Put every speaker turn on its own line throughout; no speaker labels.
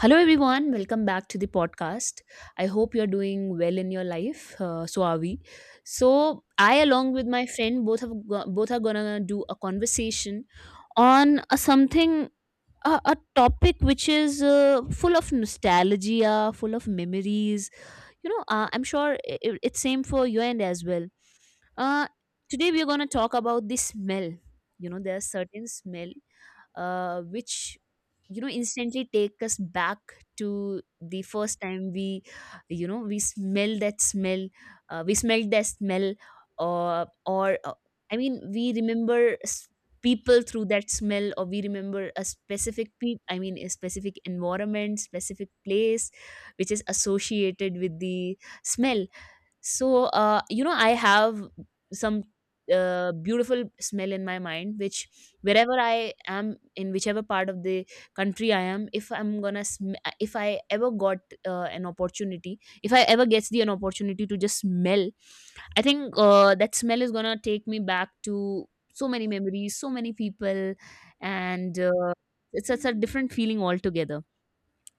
Hello, everyone. Welcome back to the podcast. I hope you're doing well in your life. So are we. So I, along with my friend, both are gonna do a conversation on a something a topic which is full of nostalgia, full of memories. I'm sure it's same for your end as well. Uh, Today we are gonna talk about the smell. You know, there's certain smell which you know instantly take us back to the first time we you know we smell that smell we smelled that smell or I mean We remember people through that smell, or we remember a specific pe- I mean a specific environment, specific place which is associated with the smell. So you know, I have some beautiful smell in my mind, which wherever I am, in whichever part of the country I am, if if I ever got an opportunity, if I ever gets the an opportunity to just smell, I think that smell is gonna take me back to so many memories, so many people. And it's such a different feeling altogether.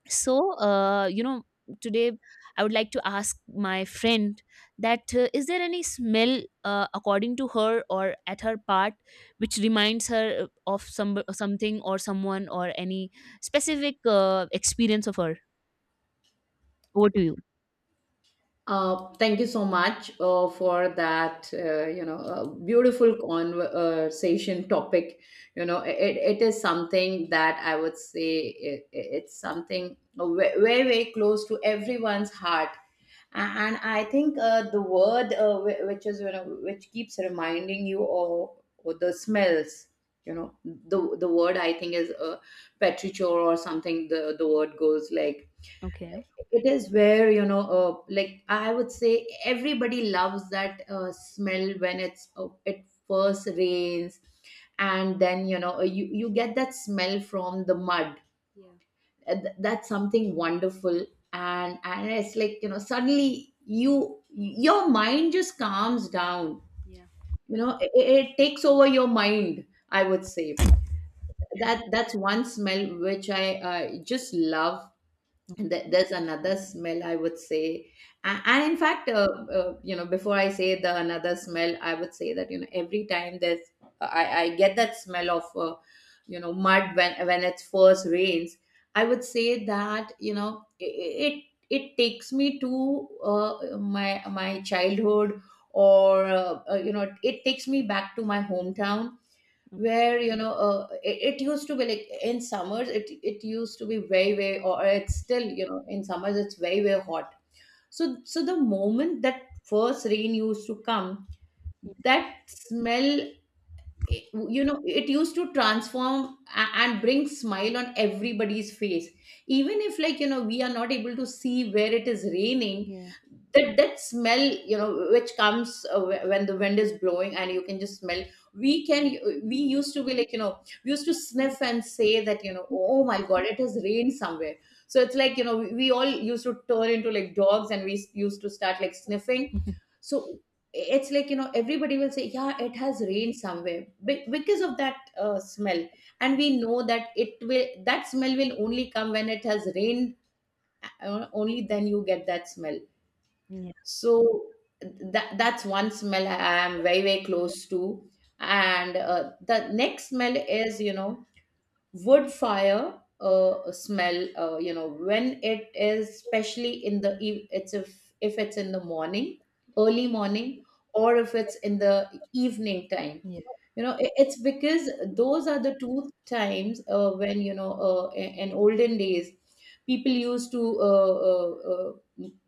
So you know, today I would like to ask my friend that is there any smell according to her or at her part which reminds her of something or someone, or any specific experience of her. Over to you.
Thank you so much for that, beautiful conversation topic. You know, it is something that I would say it's something very, very close to everyone's heart. And I think the word which is, you know, which keeps reminding you of the smells, you know, the word I think is petrichor or something, the word goes like,
Okay.
it is where like I would say everybody loves that smell when it first rains, and then you get that smell from the mud.
Yeah.
That's something wonderful, and it's like, you know, suddenly you, your mind just calms down,
Yeah.
you know, it takes over your mind, I would say that's one smell which I uh, just love. There's another smell, I would say. And in fact, you know, before I say the another smell, I would say that, you know, every time there's I get that smell of you know, mud when it first rains. I would say that, you know, it takes me to my my childhood, or you know, it takes me back to my hometown, where you know it used to be like in summers it used to be very very, or it's still, you know, in summers it's very very hot. So the moment that first rain used to come, that smell, you know, it used to transform and bring smile on everybody's face, even if, like, you know, we are not able to see where it is raining.
Yeah.
That smell, you know, which comes when the wind is blowing and you can just smell. We can, we used to be like, you know, we used to sniff and say that, you know, oh my god, it has rained somewhere. So it's like, you know, we all used to turn into like dogs and we used to start like sniffing. So it's like, you know, everybody will say, yeah, it has rained somewhere because of that smell. And we know that it will, that smell will only come when it has rained. Only then you get that smell.
Yeah.
So that's one smell I am very very close to. And the next smell is, you know, wood fire smell, you know, when it is, especially in the it's if it's in the morning, early morning, or if it's in the evening time.
Yeah.
You know, it's because those are the two times when you know in olden days, people used to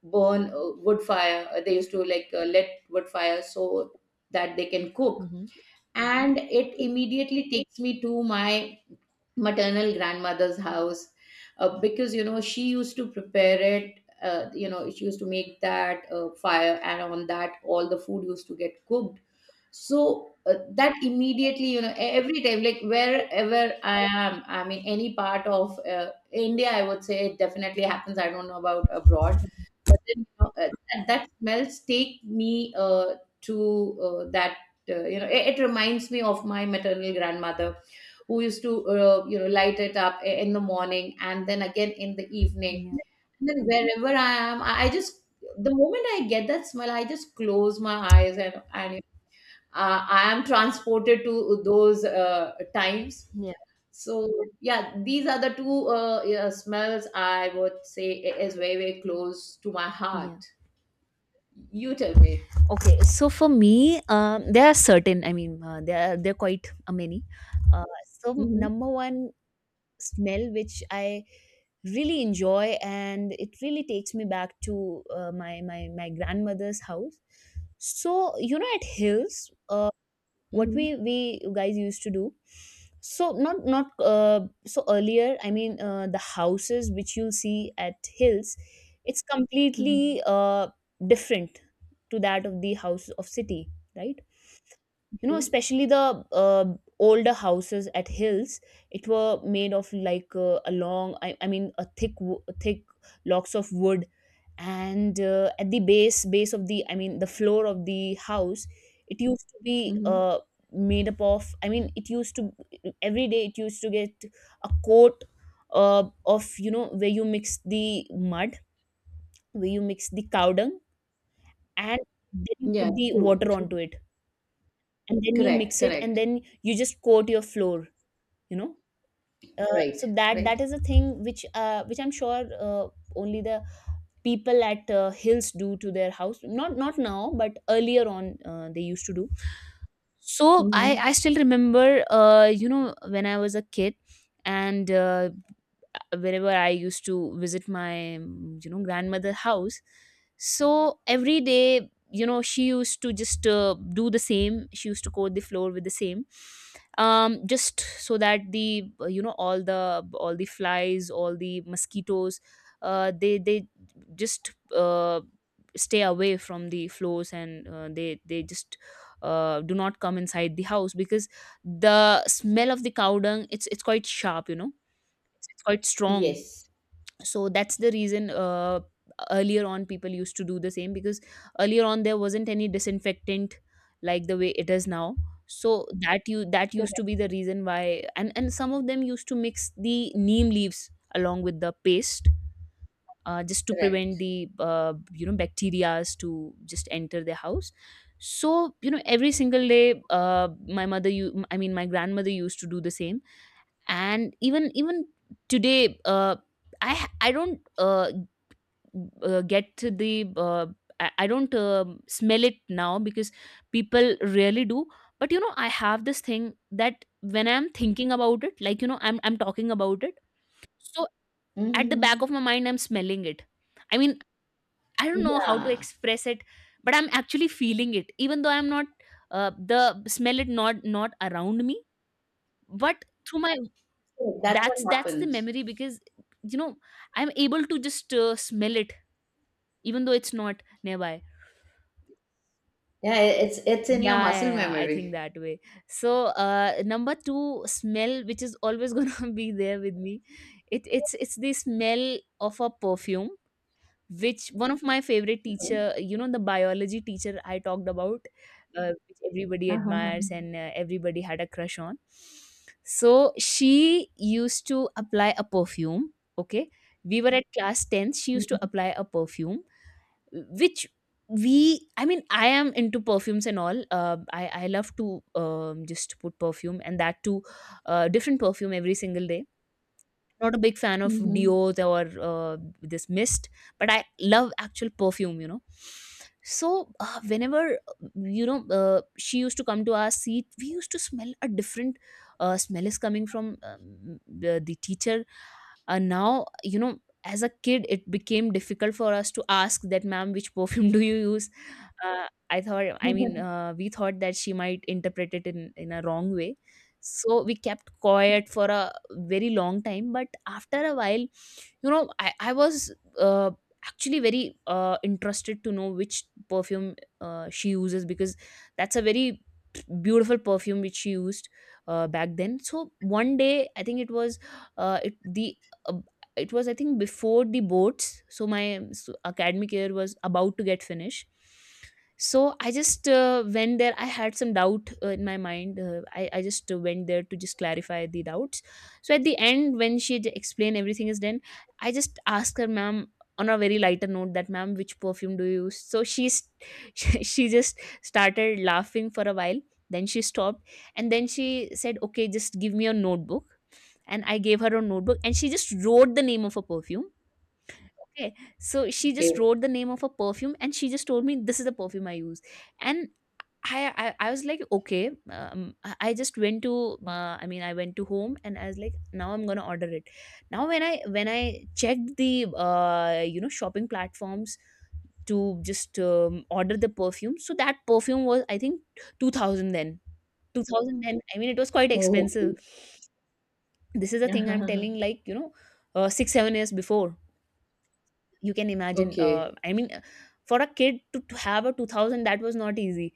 burn wood fire. They used to like let wood fire so that they can cook.
Hmm.
And it immediately takes me to my maternal grandmother's house, because you know she used to prepare it. You know, she used to make that fire, and on that all the food used to get cooked. So that immediately, you know, every time, like wherever I am, I mean, any part of India, I would say it definitely happens, I don't know about abroad. But then you know, that smells take me to that, you know, it reminds me of my maternal grandmother, who used to you know, light it up in the morning and then again in the evening.
Yeah.
And then wherever I am, I just, the moment I get that smell, I just close my eyes and and I am transported to those times.
Yeah.
So yeah, these are the two yeah, smells I would say is very very close to my
Yeah.
heart. You tell me.
Okay, so for me, there are certain, there are, there are quite many. Uh, so
Mm-hmm.
number one smell which I really enjoy, and it really takes me back to my grandmother's house. So you know, at hills, what we
Mm-hmm.
we guys used to do. So not not so earlier, the houses which you'll see at hills, it's
Mm-hmm.
completely different to that of the house of city, right? You know,
Okay.
especially the older houses at hills, it were made of like a long I mean a thick thick locks of wood. And at the base of the, I mean the floor of the house, it used to be
Mm-hmm.
made up of I mean it used to, every day it used to get a coat of, you know, where you mix the mud, where you mix the cow dung, and then you
Yeah,
put the
true,
water onto
true.
it, and then you
Correct,
mix it, and
correct.
then you just coat your floor, you know. uh,
Right,
so that that
right.
is a thing which I'm sure only the people at hills do to their house. Not not now, but earlier on they used to do. So I
Mhm.
still remember you know, when I was a kid. And whenever I used to visit my, you know, grandmother house. So every day, you know, she used to just do the same. She used to coat the floor with the same, just so that the, you know, all the, all the flies, all the mosquitoes, they just stay away from the floors, and they just do not come inside the house, because the smell of the cow dung, it's quite sharp, you know, it's quite strong.
Yes.
So that's the reason earlier on people used to do the same, because earlier on there wasn't any disinfectant like the way it is now. So that you, that used to be
Correct.
the reason why. And some of them used to mix the neem leaves along with the paste just to prevent
Correct.
the you know, bacterias to just enter their house. So you know, every single day my mother you I mean my grandmother used to do the same. And even today I don't get to the uh, , I don't smell it now because people really do. But you know, I have this thing that when I'm thinking about it, like you know, I'm talking about it. So at the back
Mhm.
of my mind, I'm smelling it. I mean, I don't know how to
Yeah.
express it, but I'm actually feeling it, even though I'm not, the smell it not not around me, but through my,
So that's
that's
what
that's the
happens.
memory. Because you know, I'm able to just smell it, even though it's not nearby.
Yeah, it's in your
Yeah, yeah,
muscle
yeah. I think
memory.
that way. So, number two, smell, which is always gonna be there with me. It's the smell of a perfume, which one of my favorite
Mhm.
teacher, you know, the biology teacher I talked about, which everybody
Uh-huh.
admires, and everybody had a crush on. So she used to apply a perfume. Okay, we were at class tenth. She used to
Mhm.
apply a perfume which we I mean I am into perfumes and all. I love to just put perfume, and that too, different perfume every single day. Not a big fan of
Mhm.
deos or this mist, but I love actual perfume, you know. So whenever you know she used to come to our seat, we used to smell a different smell is coming from, the teacher. And now you know, as a kid, it became difficult for us to ask that, ma'am, which perfume do you use? I thought, I mean, we thought that she might interpret it in a wrong way. So we kept quiet for a very long time. But after a while, you know, I was uh, actually very interested to know which perfume she uses, because that's a very beautiful perfume which she used back then. So one day, I think it was uh, it the uh, it was, I think, before the boards. So my academic year was about to get finished. So I just went there, I had some doubt in my mind. I just went there to just clarify the doubts. So at the end, when she explained everything is done, I just asked her, ma'am, on a very lighter note, that ma'am, which perfume do you use? So she's she just started laughing for a while. Then she stopped, and then she said, "Okay, just give me a notebook." And I gave her a notebook, and she just wrote the name of a perfume. Okay, so she just
Okay.
wrote the name of a perfume, and she just told me, "This is the perfume I use." And I was like, okay, I just went to, I went to home, and I was like, now I'm gonna order it. Now when I checked the you know, shopping platforms to just order the perfume, so that perfume was, I think, 2000 then. 2000 then, I mean, it was quite
Oh, okay.
expensive. This is the thing I'm
Uh-huh.
telling, like you know, 6 7 years before. You can imagine,
Okay.
for a kid to have a 2000, that was not easy.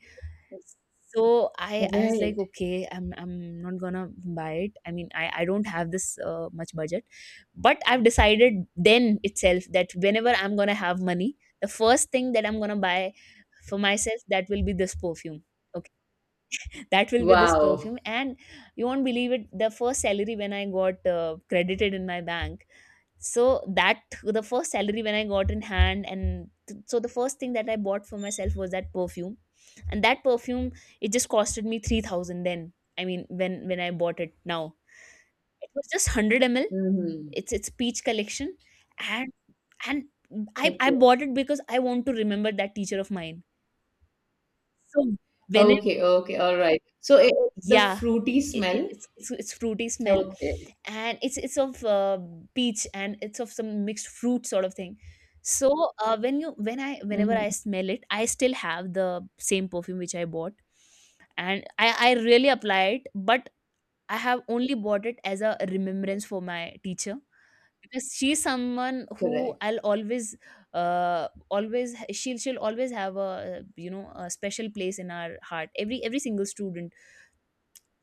So I,
All
I was
right.
like, okay, I'm not gonna buy it. I mean, I don't have this much budget. But I've decided then itself that whenever I'm gonna have money, the first thing that I'm gonna buy for myself, that will be this perfume. Okay, that will be this perfume.
Wow.
And you won't believe it, the first salary when I got credited in my bank, so that the first salary when I got in hand, and the first thing that I bought for myself was that perfume. And that perfume, it just costed me 3000 then. I mean, when I bought it now, it was just 100 ml.
Mm-hmm.
It's peach collection. And and I
Okay.
bought it because I want to remember that teacher of mine. So whenever,
Okay. Okay. All right. So it's the
yeah,
fruity smell.
it's fruity smell.
Okay.
And it's of peach, and it's of some mixed fruit sort of thing. So when you when I whenever
Mm-hmm.
I smell it, I still have the same perfume which I bought, and I really apply it. But I have only bought it as a remembrance for my teacher, because she's someone who
Correct.
I'll always, she'll, she'll always have a, you know, a special place in our heart, every single student.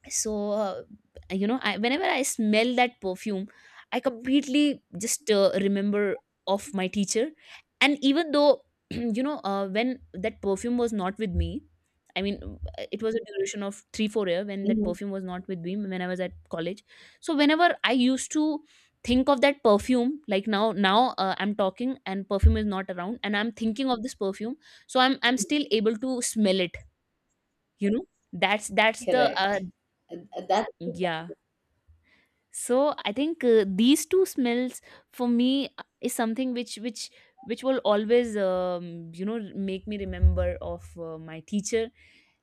So whenever I smell that perfume, I completely just remember of my teacher. And even though you know, when that perfume was not with me, it was a duration of 3 4 year when that
Mm-hmm.
perfume was not with me, when I was at college. So whenever I used to think of that perfume, like now, I'm talking and perfume is not around, and I'm thinking of this perfume, so I'm still able to smell it. You know, that's the
Correct. That's
yeah. So I think these two smells for me is something which which will always you know, make me remember of my teacher,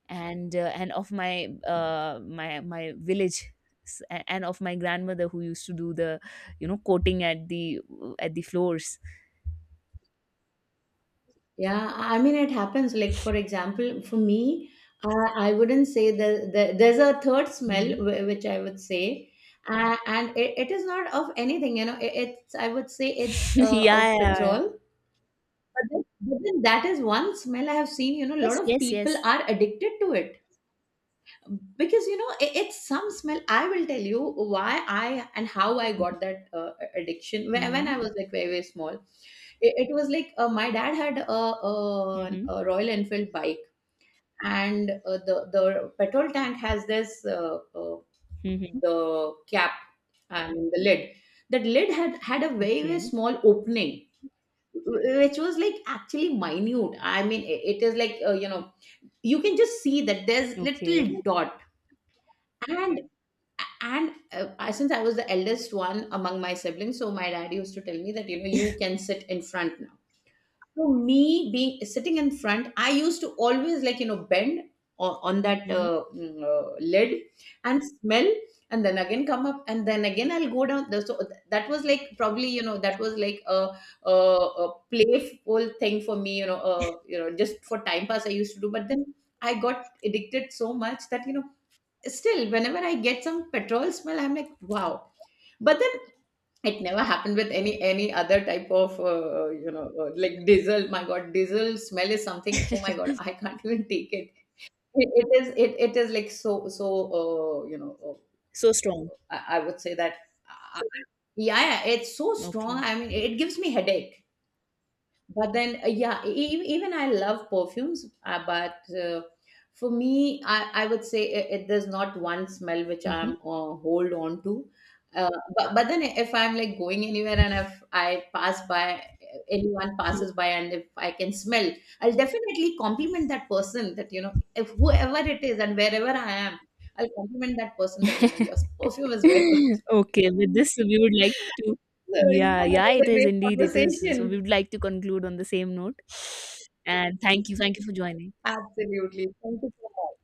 and of my my village, and of my grandmother who used to do the, you know, coating at the floors.
yeah. I mean, it happens. Like, for example, for me, I wouldn't say that there's a third smell,
Hmm.
which I would say, and it is not of anything, you know, it's, I would say it's
Yeah, yeah,
of
yeah.
petrol. But but then that is one smell I have seen, you know, a lot
Yes.
of
Yes.
people
Yes.
are addicted to it because you know it's some smell. I will tell you why I and how I got that addiction. When
Mm-hmm.
I was like very very small, it was like my dad had
Mm-hmm.
a Royal Enfield bike, and the petrol tank has this
Mm-hmm.
the cap and the lid. That lid had a very very
Okay.
small opening, which was like actually minute. I mean, it is like, you know, you can just see that there's
Okay.
little dot. And since I was the eldest one among my siblings, so my dad used to tell me that, you know, you can sit in front now. So me being sitting in front, I used to always, like, you know, bend on that
Hmm.
lid and smell, and then again come up, and then again I'll go down the. So that was like, probably, you know, that was like a playful thing for me, you know, just for time pass I used to do. But then I got addicted so much that, you know, still whenever I get some petrol smell I'm like, wow. But then it never happened with any other type of like diesel. My god, diesel smell is something. Oh my god, I can't even take it. It is, it is like so you know,
So strong.
I would say that uh, yeah, yeah, it's so strong.
Okay.
I mean, it gives me headache. But then, yeah, even I love perfumes, but for me, I would say there's not one smell which I'm hold on to. uh, but, then if I'm like going anywhere, and if I pass by, anyone passes by, and if I can smell, I'll definitely compliment that person that, you know, if whoever it is and wherever I am, I'll compliment that person that, you know, your perfume is very good.
Okay, with this, we would like to.
So yeah,
Yeah,
that
yeah,
was
it
a
is
great
indeed. It is.
conversation.
So we would like to conclude on the same note. And thank you. Thank you for joining.
Absolutely, thank you so much.